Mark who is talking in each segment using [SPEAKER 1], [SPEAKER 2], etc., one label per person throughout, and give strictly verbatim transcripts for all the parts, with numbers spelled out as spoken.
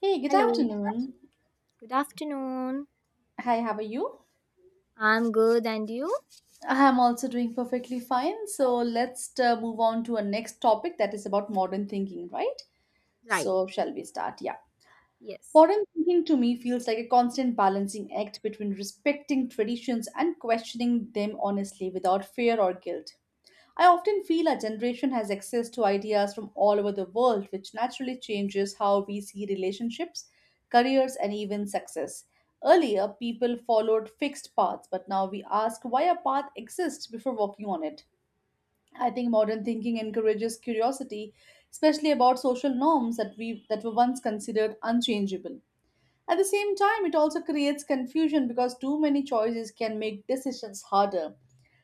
[SPEAKER 1] Hey, good
[SPEAKER 2] Hello,
[SPEAKER 1] afternoon.
[SPEAKER 2] good afternoon.
[SPEAKER 1] Hi, how are you?
[SPEAKER 2] I'm good, and you?
[SPEAKER 1] I am also doing perfectly fine. So let's uh, move on to our next topic that is about modern thinking, right?
[SPEAKER 2] Right.
[SPEAKER 1] So, shall we start? Yeah.
[SPEAKER 2] Yes.
[SPEAKER 1] Modern thinking to me feels like a constant balancing act between respecting traditions and questioning them honestly without fear or guilt. I often feel our generation has access to ideas from all over the world, which naturally changes how we see relationships, careers, and even success. Earlier, people followed fixed paths, but now we ask why a path exists before walking on it. I think modern thinking encourages curiosity, especially about social norms that we that were once considered unchangeable. At the same time, it also creates confusion because too many choices can make decisions harder.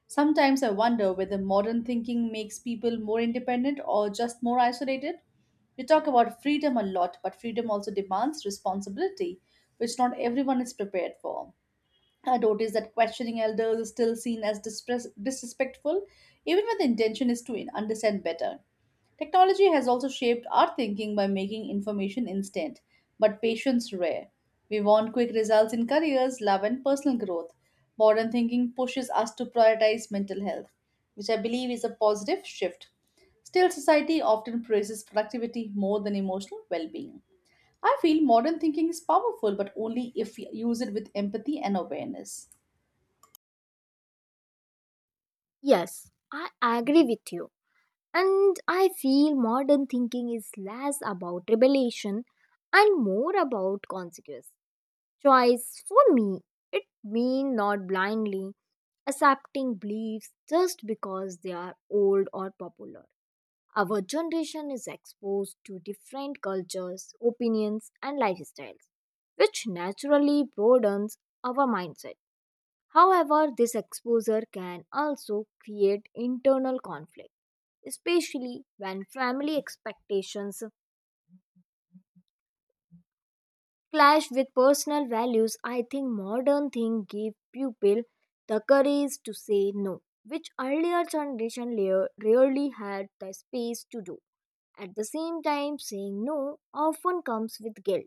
[SPEAKER 1] Sometimes I wonder whether modern thinking makes people more independent or just more isolated. We talk about freedom a lot, but freedom also demands responsibility, which not everyone is prepared for. I noticed that questioning elders is still seen as dispres- disrespectful, even when the intention is to understand better. Technology has also shaped our thinking by making information instant, but patience rare. We want quick results in careers, love, and personal growth. Modern thinking pushes us to prioritize mental health, which I believe is a positive shift. Still, society often praises productivity more than emotional well being. I feel modern thinking is powerful, but only if we use it with empathy and awareness.
[SPEAKER 2] Yes, I agree with you. And I feel modern thinking is less about revelation and more about consequence. Choice for me, it means not blindly accepting beliefs just because they are old or popular. Our generation is exposed to different cultures, opinions, and lifestyles, which naturally broadens our mindset. However, this exposure can also create internal conflict, especially when family expectations clash with personal values. I think modern thing give people the courage to say no, which earlier generation lar- rarely had the space to do. At the same time, saying no often comes with guilt,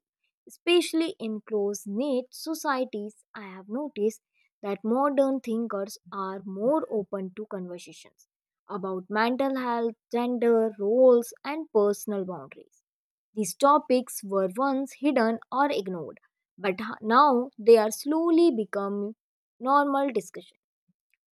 [SPEAKER 2] especially in close knit societies. I have noticed that modern thinkers are more open to conversations about mental health, gender, roles, and personal boundaries. These topics were once hidden or ignored, but h- now they are slowly becoming normal discussion.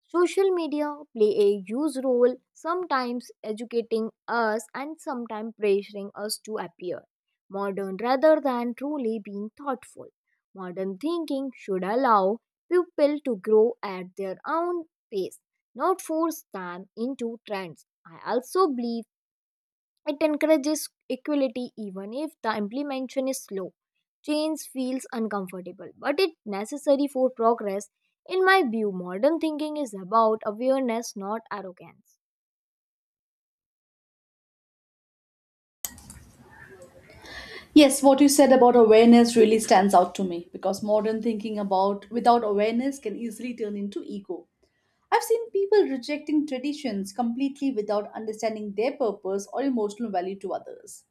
[SPEAKER 2] Social media play a huge role, sometimes educating us and sometimes pressuring us to appear modern rather than truly being thoughtful. Modern thinking should allow people to grow at their own pace, not force them into trends. I also believe it encourages equality even if the implementation is slow. Change feels uncomfortable, but it's necessary for progress. In my view, modern thinking is about awareness, not arrogance.
[SPEAKER 1] Yes, what you said about awareness really stands out to me because modern thinking about without awareness can easily turn into ego. I've seen people rejecting traditions completely without understanding their purpose or emotional value to others.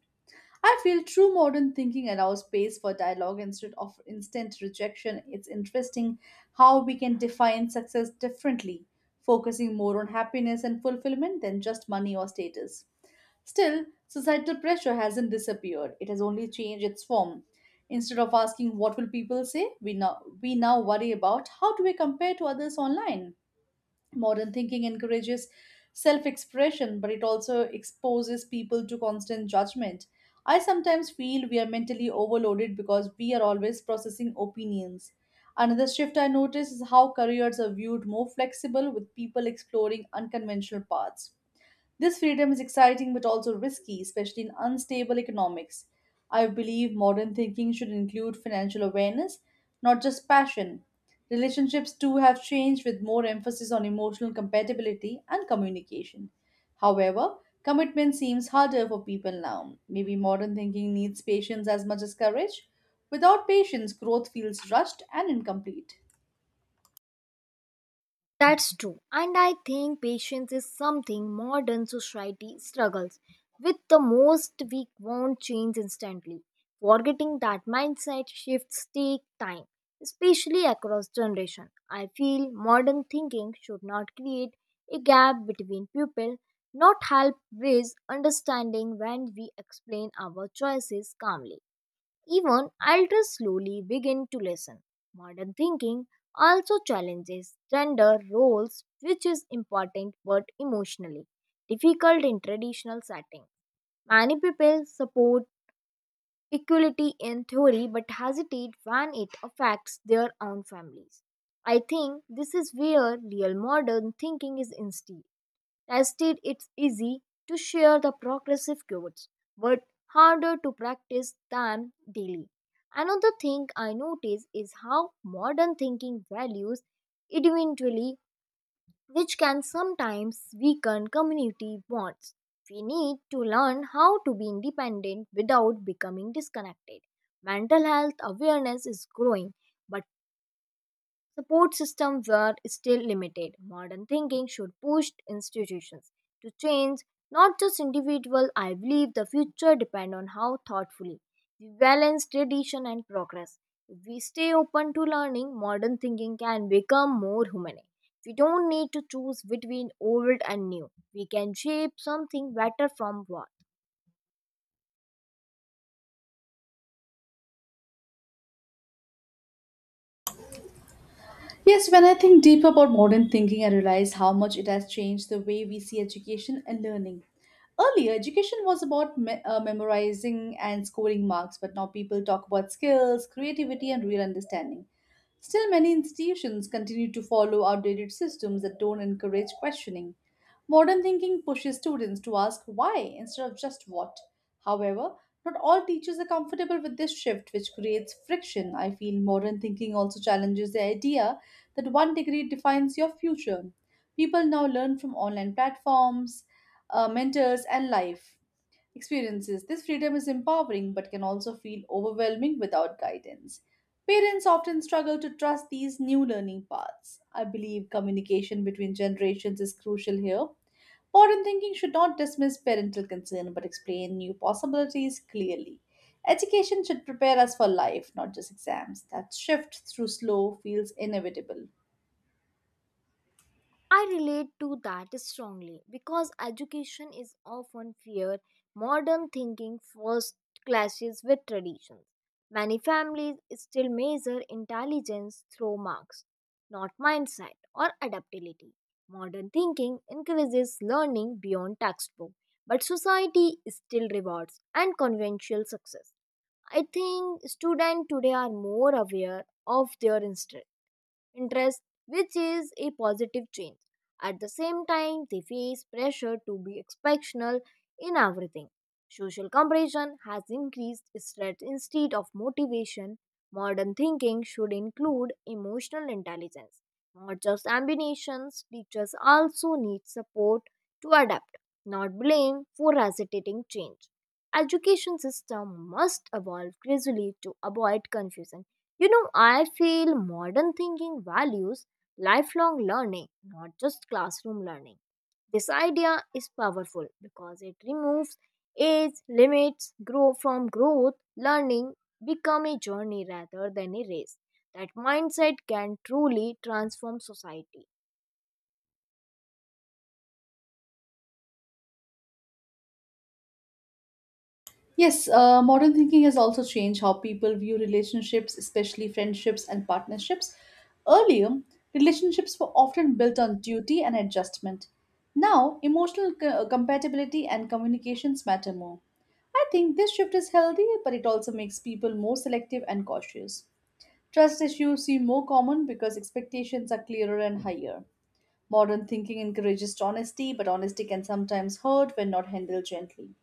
[SPEAKER 1] I feel true modern thinking allows space for dialogue instead of instant rejection. It's interesting how we can define success differently, focusing more on happiness and fulfillment than just money or status. Still, societal pressure hasn't disappeared, it has only changed its form. Instead of asking what will people say, we now, we now worry about how do we compare to others online. Modern thinking encourages self expression, but it also exposes people to constant judgment. I sometimes feel we are mentally overloaded because we are always processing opinions. Another shift I notice is how careers are viewed more flexible with people exploring unconventional paths. This freedom is exciting but also risky, especially in unstable economics. I believe modern thinking should include financial awareness, not just passion. Relationships too have changed with more emphasis on emotional compatibility and communication. However, commitment seems harder for people now. Maybe modern thinking needs patience as much as courage. Without patience, growth feels rushed and incomplete.
[SPEAKER 2] That's true. And I think patience is something modern society struggles with the most. We won't change instantly. Forgetting that mindset shifts take time, especially across generation. I feel modern thinking should not create a gap between people, not help with understanding when we explain our choices calmly. Even elders slowly begin to listen. Modern thinking also challenges gender roles, which is important but emotionally difficult in traditional settings. Many people support equality in theory but hesitate when it affects their own families. I think this is where real modern thinking is instead. Tested, it's easy to share the progressive chords, but harder to practice them daily. Another thing I notice is how modern thinking values individually, which can sometimes weaken community bonds. We need to learn how to be independent without becoming disconnected. Mental health awareness is growing, but support systems are still limited. Modern thinking should push institutions to change, not just individuals. I believe the future depends on how thoughtfully we balance tradition and progress. If we stay open to learning, modern thinking can become more human. We don't need to choose between old and new. We can shape something better from what.
[SPEAKER 1] Yes, when I think deep about modern thinking, I realize how much it has changed the way we see education and learning. Earlier, education was about me- uh, memorizing and scoring marks, but now people talk about skills, creativity, and real understanding. Still, many institutions continue to follow outdated systems that don't encourage questioning. Modern thinking pushes students to ask why instead of just what. However, not all teachers are comfortable with this shift, which creates friction. I feel modern thinking also challenges the idea that one degree defines your future. People now learn from online platforms, uh, mentors, and life experiences. This freedom is empowering but can also feel overwhelming without guidance. Parents often struggle to trust these new learning paths. I believe communication between generations is crucial here. Modern thinking should not dismiss parental concern but explain new possibilities clearly. Education should prepare us for life, not just exams. That shift through slow feels inevitable.
[SPEAKER 2] I relate to that strongly because education is often feared. Modern thinking first clashes with traditions. Many families still measure intelligence through marks, not mindset or adaptability. Modern thinking encourages learning beyond textbook, but society still rewards and conventional success. I think students today are more aware of their interests interest, which is a positive change. At the same time, they face pressure to be exceptional in everything. Social comparison has increased stress instead of motivation. Modern thinking should include emotional intelligence, not just ambitions. Teachers also need support to adapt, not blame for hesitating change. Education system must evolve gradually to avoid confusion. You know, I feel modern thinking values lifelong learning, not just classroom learning. This idea is powerful because it removes age limits grow from growth learning become a journey rather than a race that mindset can truly transform society.
[SPEAKER 1] Yes, uh, modern thinking has also changed how people view relationships, especially friendships and partnerships. Earlier, relationships were often built on duty and adjustment. Now, emotional co- compatibility and communications matter more. I think this shift is healthy, but it also makes people more selective and cautious. Trust issues seem more common because expectations are clearer and higher. Modern thinking encourages honesty, but honesty can sometimes hurt when not handled gently.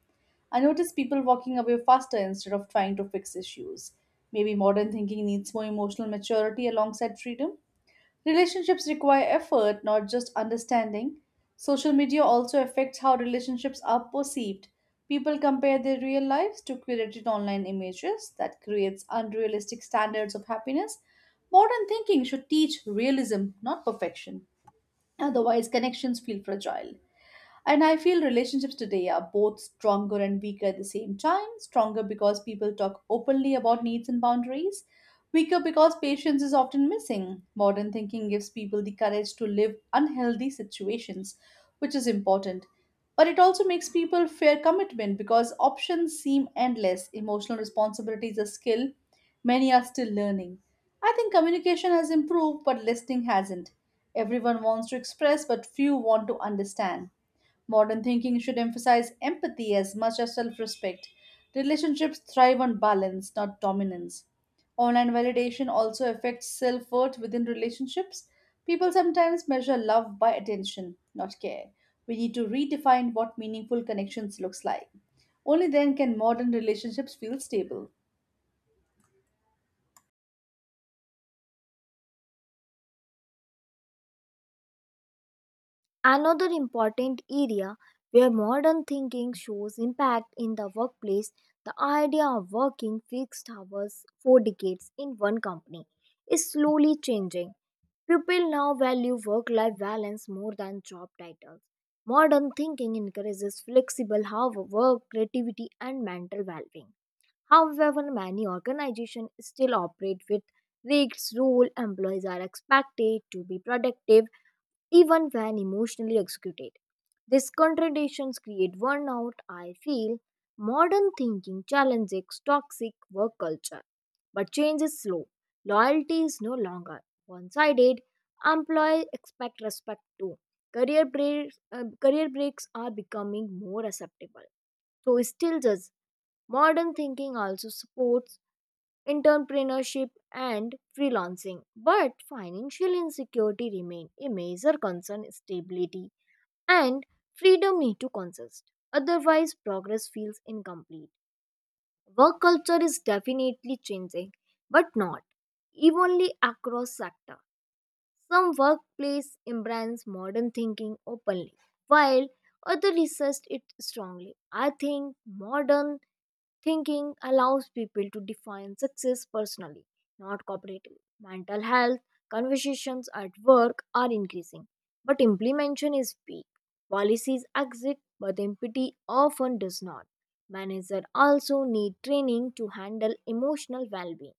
[SPEAKER 1] I notice people walking away faster instead of trying to fix issues. Maybe modern thinking needs more emotional maturity alongside freedom. Relationships require effort, not just understanding. Social media also affects how relationships are perceived. People compare their real lives to curated online images that creates unrealistic standards of happiness. Modern thinking should teach realism, not perfection. Otherwise, connections feel fragile. And I feel relationships today are both stronger and weaker at the same time. Stronger because people talk openly about needs and boundaries, weaker because patience is often missing. Modern thinking gives people the courage to live unhealthy situations, which is important. But it also makes people fear commitment because options seem endless. Emotional responsibility is a skill many are still learning. I think communication has improved, but listening hasn't. Everyone wants to express, but few want to understand. Modern thinking should emphasize empathy as much as self respect. Relationships thrive on balance, not dominance. Online validation also affects self worth within relationships. People sometimes measure love by attention, not care. We need to redefine what meaningful connections looks like. Only then can modern relationships feel stable.
[SPEAKER 2] Another important area where modern thinking shows impact in the workplace, the idea of working fixed hours for decades in one company is slowly changing. People now value work life balance more than job titles. Modern thinking encourages flexible hour work, creativity, and mental well being. However, many organizations still operate with fixed rules. Employees are expected to be productive even when emotionally executed. These contradictions create burnout. I feel modern thinking challenges toxic work culture, but change is slow. Loyalty is no longer one sided. Employees expect respect too. Career breaks, uh, career breaks are becoming more acceptable. So, still, just modern thinking also supports entrepreneurship and freelancing. But financial insecurity remains a major concern stability and freedom need to coexist; otherwise progress feels incomplete. Work culture is definitely changing, but not evenly across sector. Some workplace embrace modern thinking openly, while others resist it strongly. I think modern thinking allows people to define success personally, not corporately. Mental health conversations at work are increasing, but implementation is weak. Policies exist, but empathy often does not. Managers also need training to handle emotional well being.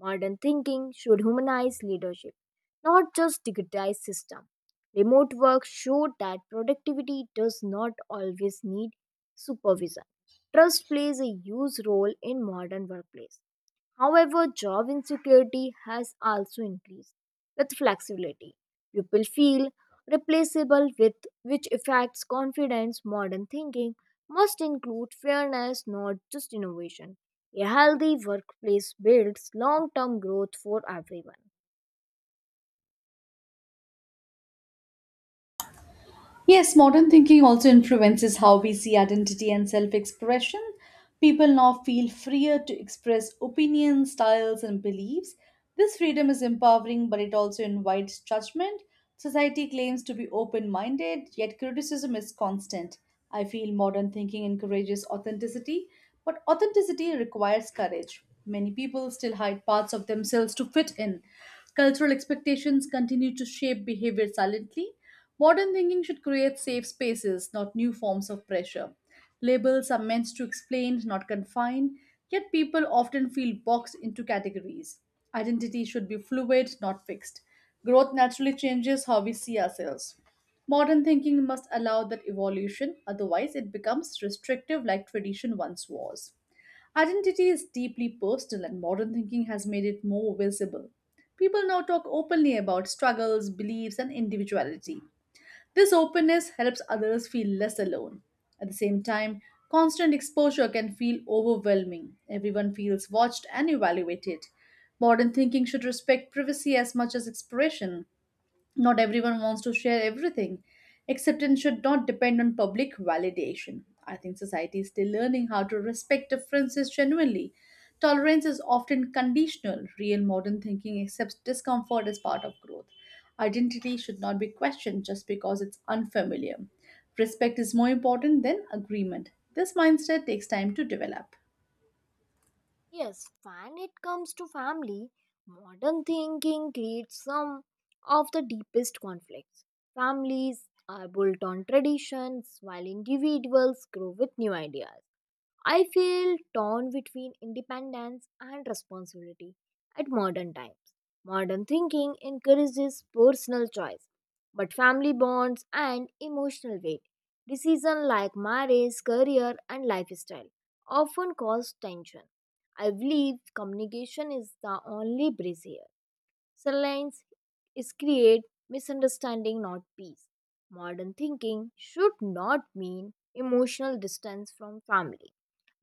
[SPEAKER 2] Modern thinking should humanize leadership, not just digitize system. Remote work showed that productivity does not always need supervision. Trust plays a huge role in modern workplace. However, job insecurity has also increased with flexibility. People feel replaceable with which affects confidence. Modern thinking must include fairness, not just innovation. A healthy workplace builds long-term growth for everyone.
[SPEAKER 1] Yes, modern thinking also influences how we see identity and self expression. People now feel freer to express opinions, styles, and beliefs. This freedom is empowering, but it also invites judgment. Society claims to be open minded, yet criticism is constant. I feel modern thinking encourages authenticity, but authenticity requires courage. Many people still hide parts of themselves to fit in. Cultural expectations continue to shape behavior silently. Modern thinking should create safe spaces, not new forms of pressure. Labels are meant to explain, not confine, yet people often feel boxed into categories. Identity should be fluid, not fixed. Growth naturally changes how we see ourselves. Modern thinking must allow that evolution, otherwise, it becomes restrictive like tradition once was. Identity is deeply personal, and modern thinking has made it more visible. People now talk openly about struggles, beliefs, and individuality. This openness helps others feel less alone. At the same time, constant exposure can feel overwhelming. Everyone feels watched and evaluated. Modern thinking should respect privacy as much as expression. Not everyone wants to share everything. Acceptance should not depend on public validation. I think society is still learning how to respect differences genuinely. Tolerance is often conditional. Real modern thinking accepts discomfort as part of growth. Identity should not be questioned just because it's unfamiliar. Respect is more important than agreement. This mindset takes time to develop.
[SPEAKER 2] Yes, when it comes to family, modern thinking creates some of the deepest conflicts. Families are built on traditions while individuals grow with new ideas. I feel torn between independence and responsibility at modern times. Modern thinking encourages personal choice, but family bonds and emotional weight, decisions like marriage, career, and lifestyle often cause tension. I believe communication is the only bridge here. Silence is create misunderstanding, not peace. Modern thinking should not mean emotional distance from family.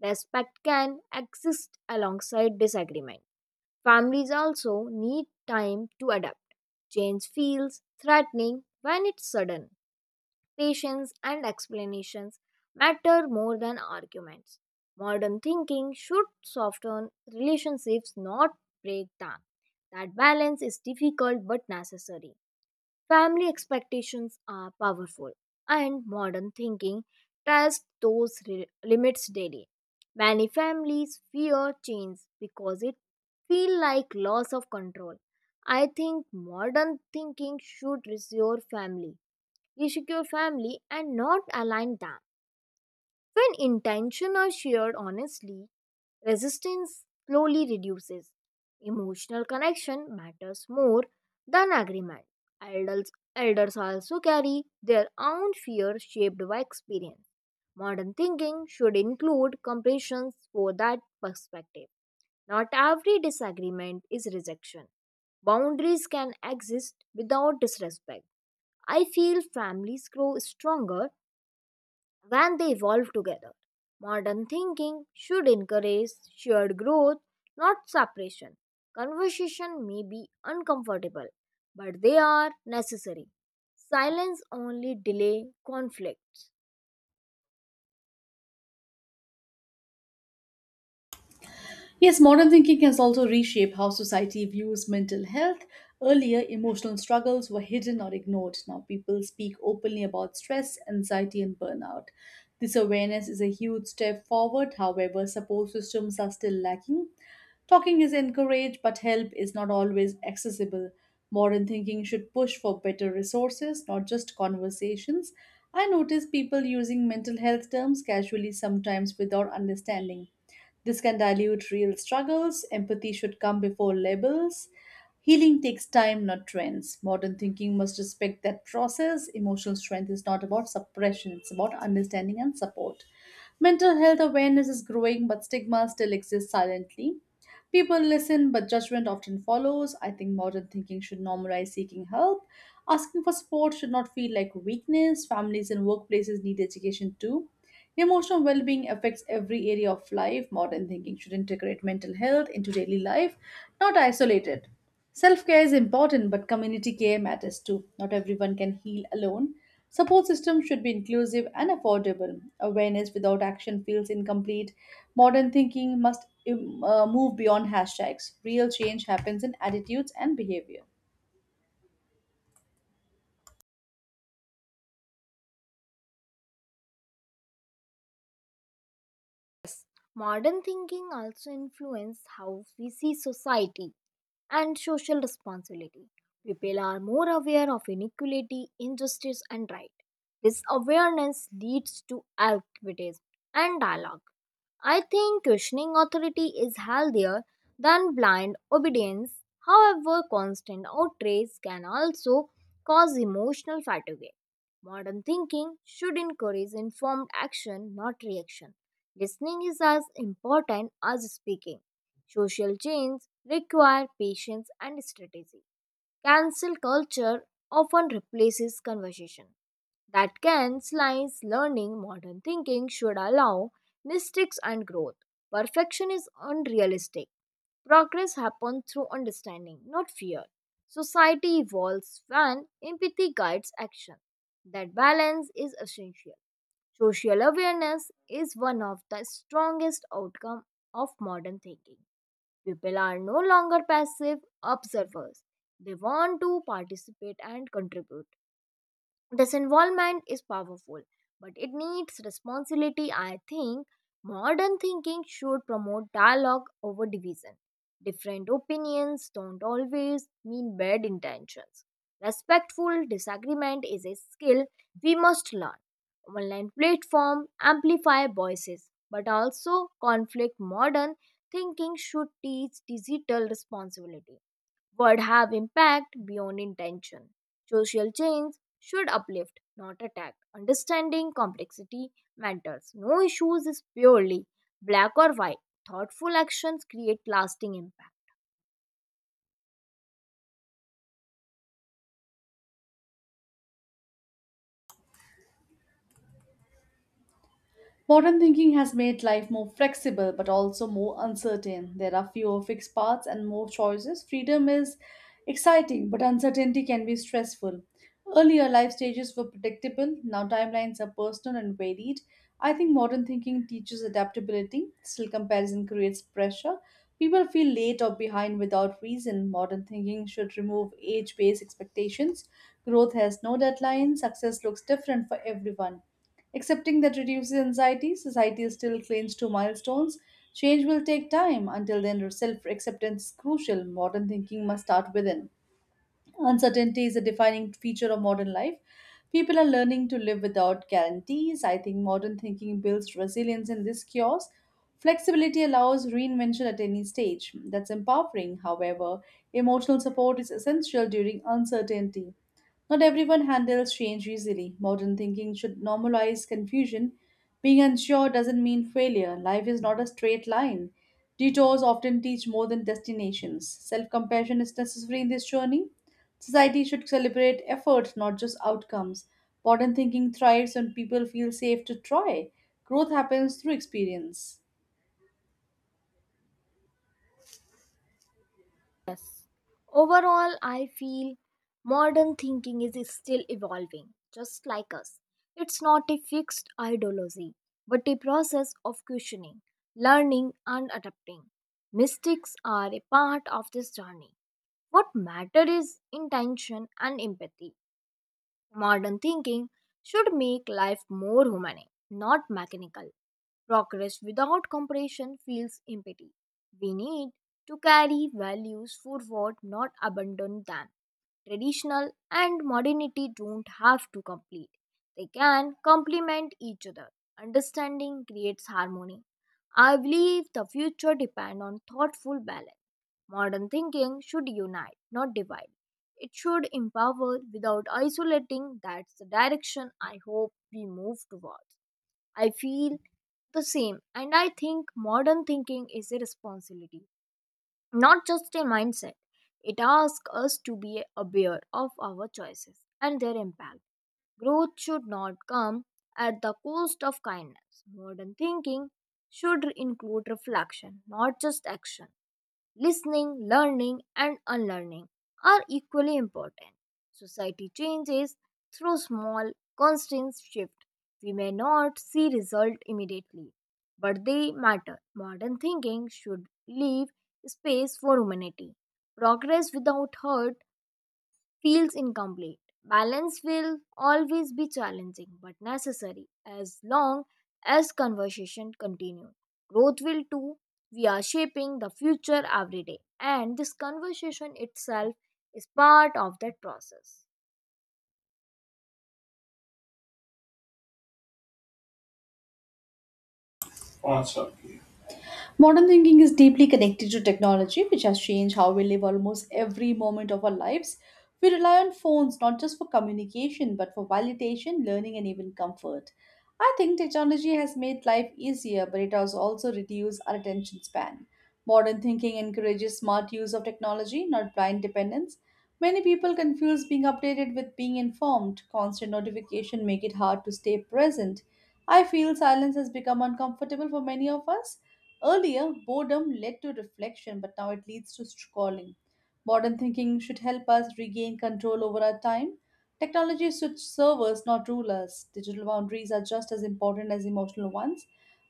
[SPEAKER 2] Respect can exist alongside disagreement. Families also need time to adapt. Change feels threatening when it's sudden. Patience and explanations matter more than arguments. Modern thinking should soften relationships, not break them. That balance is difficult but necessary. Family expectations are powerful, and modern thinking tests those re- limits daily. Many families fear change because it feels like loss of control. I think modern thinking should reassure family, reassure family, and not align them. When intention are shared honestly, resistance slowly reduces. Emotional connection matters more than agreement. Elders, elders also carry their own fear shaped by experience. Modern thinking should include compassion for that perspective. Not every disagreement is rejection. Boundaries can exist without disrespect. I feel families grow stronger when they evolve together. Modern thinking should encourage shared growth, not separation. Conversation may be uncomfortable, but they are necessary. Silence only delay conflicts.
[SPEAKER 1] Yes, modern thinking has also reshaped how society views mental health. Earlier, emotional struggles were hidden or ignored. Now, people speak openly about stress, anxiety, and burnout. This awareness is a huge step forward. However, support systems are still lacking. Talking is encouraged, but help is not always accessible. Modern thinking should push for better resources, not just conversations. I notice people using mental health terms casually sometimes without understanding. This can dilute real struggles. Empathy should come before labels. Healing takes time, not trends. Modern thinking must respect that process. Emotional strength is not about suppression, it's about understanding and support. Mental health awareness is growing, but stigma still exists silently. People listen, but judgment often follows. I think modern thinking should normalize seeking help. Asking for support should not feel like weakness. Families and workplaces need education too. Emotional well being affects every area of life. Modern thinking should integrate mental health into daily life, not isolate it. Self care is important, but community care matters too. Not everyone can heal alone. Support systems should be inclusive and affordable. Awareness without action feels incomplete. Modern thinking must um, uh, move beyond hashtags. Real change happens in attitudes and behavior.
[SPEAKER 2] Modern thinking also influences how we see society and social responsibility. People are more aware of inequality, injustice, and right. This awareness leads to activism and dialogue. I think questioning authority is healthier than blind obedience. However, constant outrage can also cause emotional fatigue. Modern thinking should encourage informed action, not reaction. Listening is as important as speaking. Social change require patience and strategy. Cancel culture often replaces conversation. That can slice learning modern thinking should allow mistakes and growth. Perfection is unrealistic. Progress happens through understanding, not fear. Society evolves when empathy guides action. That balance is essential. Social awareness is one of the strongest outcome of modern thinking. People are no longer passive observers. They want to participate and contribute. Disinvolvement is powerful, but it needs responsibility. I think modern thinking should promote dialogue over division. Different opinions don't always mean bad intentions. Respectful disagreement is a skill we must learn. Online platform amplify voices, but also conflict. Modern thinking should teach digital responsibility would have impact beyond intention. Social change should uplift, not attack. Understanding complexity matters. No issues is purely black or white. Thoughtful actions create lasting impact.
[SPEAKER 1] Modern thinking has made life more flexible but also more uncertain. There are fewer fixed paths and more choices. Freedom is exciting, but uncertainty can be stressful. Earlier, life stages were predictable, now timelines are personal and varied. I think modern thinking teaches adaptability, still, comparison creates pressure. People feel late or behind without reason. Modern thinking should remove age based expectations. Growth has no deadline, success looks different for everyone. Accepting that reduces anxiety, society still clings to milestones. Change will take time. Until then, self acceptance is crucial. Modern thinking must start within. Uncertainty is a defining feature of modern life. People are learning to live without guarantees. I think modern thinking builds resilience in this chaos. Flexibility allows reinvention at any stage. That's empowering. However, emotional support is essential during uncertainty. Not everyone handles change easily. Modern thinking should normalize confusion. Being unsure doesn't mean failure. Life is not a straight line. Detours often teach more than destinations. Self compassion is necessary in this journey. Society should celebrate efforts, not just outcomes. Modern thinking thrives when people feel safe to try. Growth happens through experience.
[SPEAKER 2] Yes. Overall, I feel modern thinking is still evolving, just like us. It's not a fixed ideology, but a process of questioning, learning, and adapting. Mystics are a part of this journey. What matter is intention and empathy. Modern thinking should make life more humane, not mechanical. Progress without compression feels empty. We need to carry values forward, not abandon them. Traditional and modernity don't have to complete, they can complement each other. Understanding creates harmony. I believe the future depends on thoughtful balance. Modern thinking should unite, not divide. It should empower without isolating. That's the direction I hope we move towards. I feel the same, and I think modern thinking is a responsibility, not just a mindset. It asks us to be aware of our choices and their impact. Growth should not come at the cost of kindness. Modern thinking should include reflection, not just action. Listening, learning, and unlearning are equally important. Society changes through small, constant shift. We may not see result immediately, but they matter. Modern thinking should leave space for humanity. Progress without hurt feels incomplete. Balance will always be challenging but necessary as long as conversation continues. Growth will too. We are shaping the future every day, and this conversation itself is part of that process.
[SPEAKER 1] Awesome. Modern thinking is deeply connected to technology, which has changed how we live almost every moment of our lives. We rely on phones not just for communication, but for validation, learning, and even comfort. I think technology has made life easier, but it has also reduced our attention span. Modern thinking encourages smart use of technology, not blind dependence. Many people confuse being updated with being informed. Constant notification make it hard to stay present. I feel silence has become uncomfortable for many of us. Earlier, boredom led to reflection, but now it leads to scrolling. Modern thinking should help us regain control over our time. Technology should serve us, not rule us. Digital boundaries are just as important as emotional ones.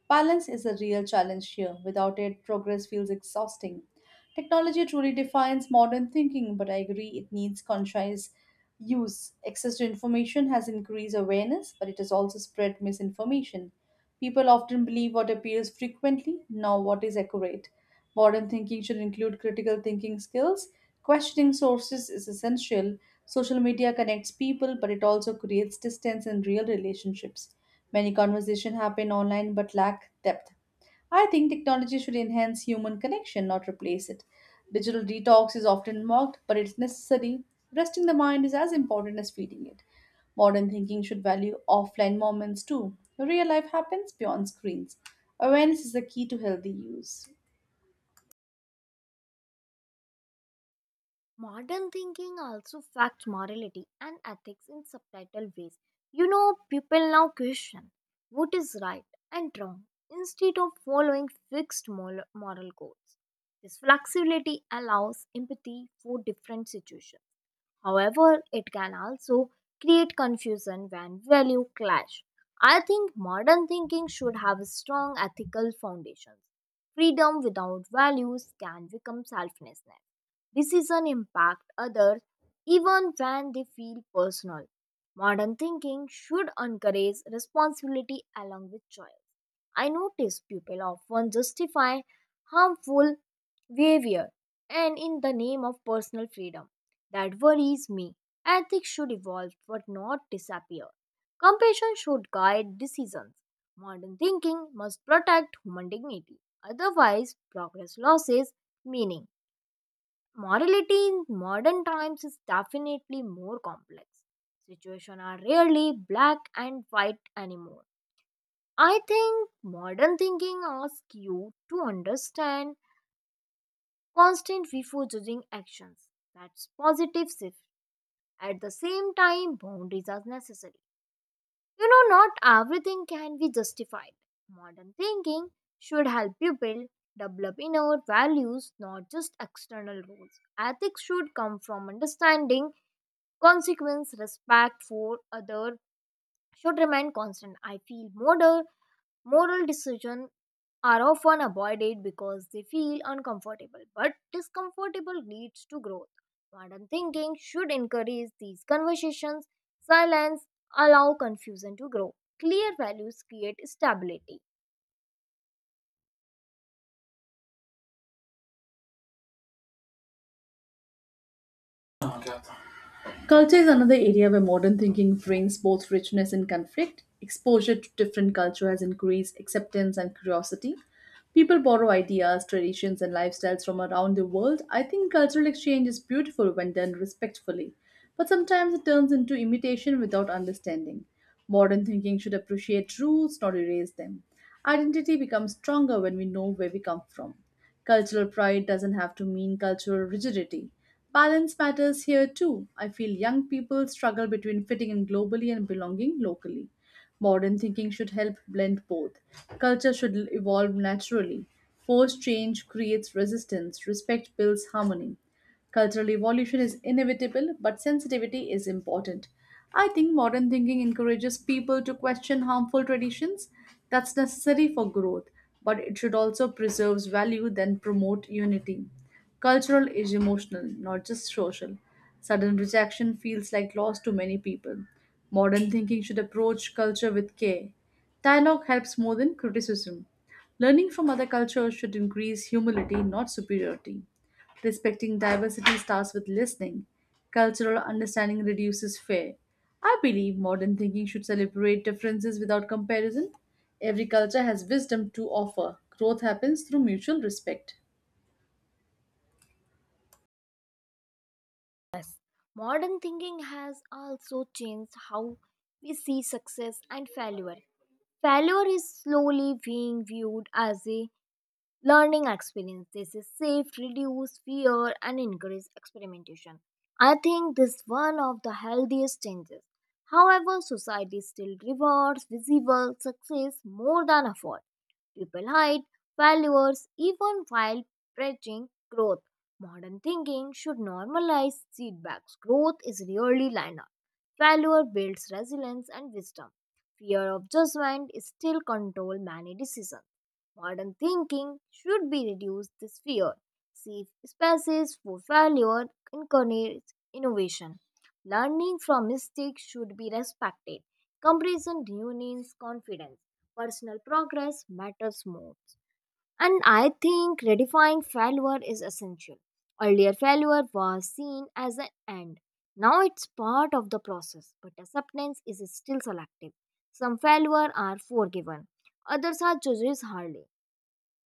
[SPEAKER 1] Balance is a real challenge here. Without it, progress feels exhausting. Technology truly defines modern thinking, but I agree it needs conscious use. Access to information has increased awareness, but it has also spread misinformation. People often believe what appears frequently, not what is accurate. Modern thinking should include critical thinking skills. Questioning sources is essential. Social media connects people, but it also creates distance in real relationships. Many conversations happen online but lack depth. I think technology should enhance human connection, not replace it. Digital detox is often mocked, but it's necessary. Resting the mind is as important as feeding it. Modern thinking should value offline moments too. Real life happens beyond screens. Awareness is the key to healthy use.
[SPEAKER 2] Modern thinking also facts morality and ethics in subtitle ways. You know, people now question what is right and wrong instead of following fixed moral moral codes. This flexibility allows empathy for different situations. However, it can also create confusion when value clash. I think modern thinking should have strong ethical foundations. Freedom without values can become selflessness. Decision impact others even when they feel personal. Modern thinking should encourage responsibility along with choice. I notice people often justify harmful behavior and in the name of personal freedom. That worries me. Ethics should evolve but not disappear. Compassion should guide decisions. Modern thinking must protect human dignity. Otherwise, progress loses meaning. Morality in modern times is definitely more complex. Situations are rarely black and white anymore. I think modern thinking asks you to understand constant before judging actions. That's positive shift. At the same time, boundaries are necessary. You know, not everything can be justified. Modern thinking should help you build, develop inner values, not just external rules. Ethics should come from understanding, consequence, respect for other should remain constant. I feel modern moral decision are often avoided because they feel uncomfortable, but discomfortable leads to growth. Modern thinking should encourage these conversations. Silence allow confusion to grow. Clear values create stability.
[SPEAKER 1] Culture is another area where modern thinking brings both richness and conflict. Exposure to different culture has increased acceptance and curiosity. People borrow ideas, traditions, and lifestyles from around the world. I think cultural exchange is beautiful when done respectfully, but sometimes it turns into imitation without understanding. Modern thinking should appreciate rules, not erase them. Identity becomes stronger when we know where we come from. Cultural pride doesn't have to mean cultural rigidity. Balance matters here too. I feel young people struggle between fitting in globally and belonging locally. Modern thinking should help blend both. Culture should evolve naturally. Forced change creates resistance, respect builds harmony. Cultural evolution is inevitable, but sensitivity is important. I think modern thinking encourages people to question harmful traditions. That's necessary for growth, but it should also preserve value then promote unity. Cultural is emotional, not just social. Sudden rejection feels like loss to many people. Modern thinking should approach culture with care. Dialogue helps more than criticism. Learning from other cultures should increase humility, not superiority. Respecting diversity starts with listening. Cultural understanding reduces fear. I believe modern thinking should celebrate differences without comparison. Every culture has wisdom to offer. Growth happens through mutual respect.
[SPEAKER 2] Yes. Modern thinking has also changed how we see success and failure. Failure is slowly being viewed as a learning experiences is safe, reduce fear, and encourage experimentation. I think this is one of the healthiest changes. However, society still rewards visible success more than effort. People hide failures even while preaching growth. Modern thinking should normalize setbacks. Growth is rarely linear. Failure builds resilience and wisdom. Fear of judgment is still control many decisions. Modern thinking should be reduced this fear. Safe spaces for failure encourages innovation. Learning from mistakes should be respected. Comparison ruins confidence personal progress matters more. And I think redefining failure is essential. Earlier, failure was seen as an end. Now it's part of the process, but acceptance is still selective. Some failure are forgiven, others are judged hardly.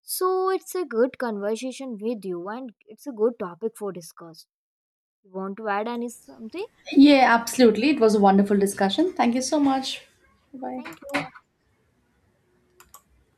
[SPEAKER 2] So it's a good conversation with you, and it's a good topic for discuss. You want to add any something?
[SPEAKER 1] Yeah, absolutely. It was a wonderful discussion. Thank you so much. Bye.
[SPEAKER 2] Thank you.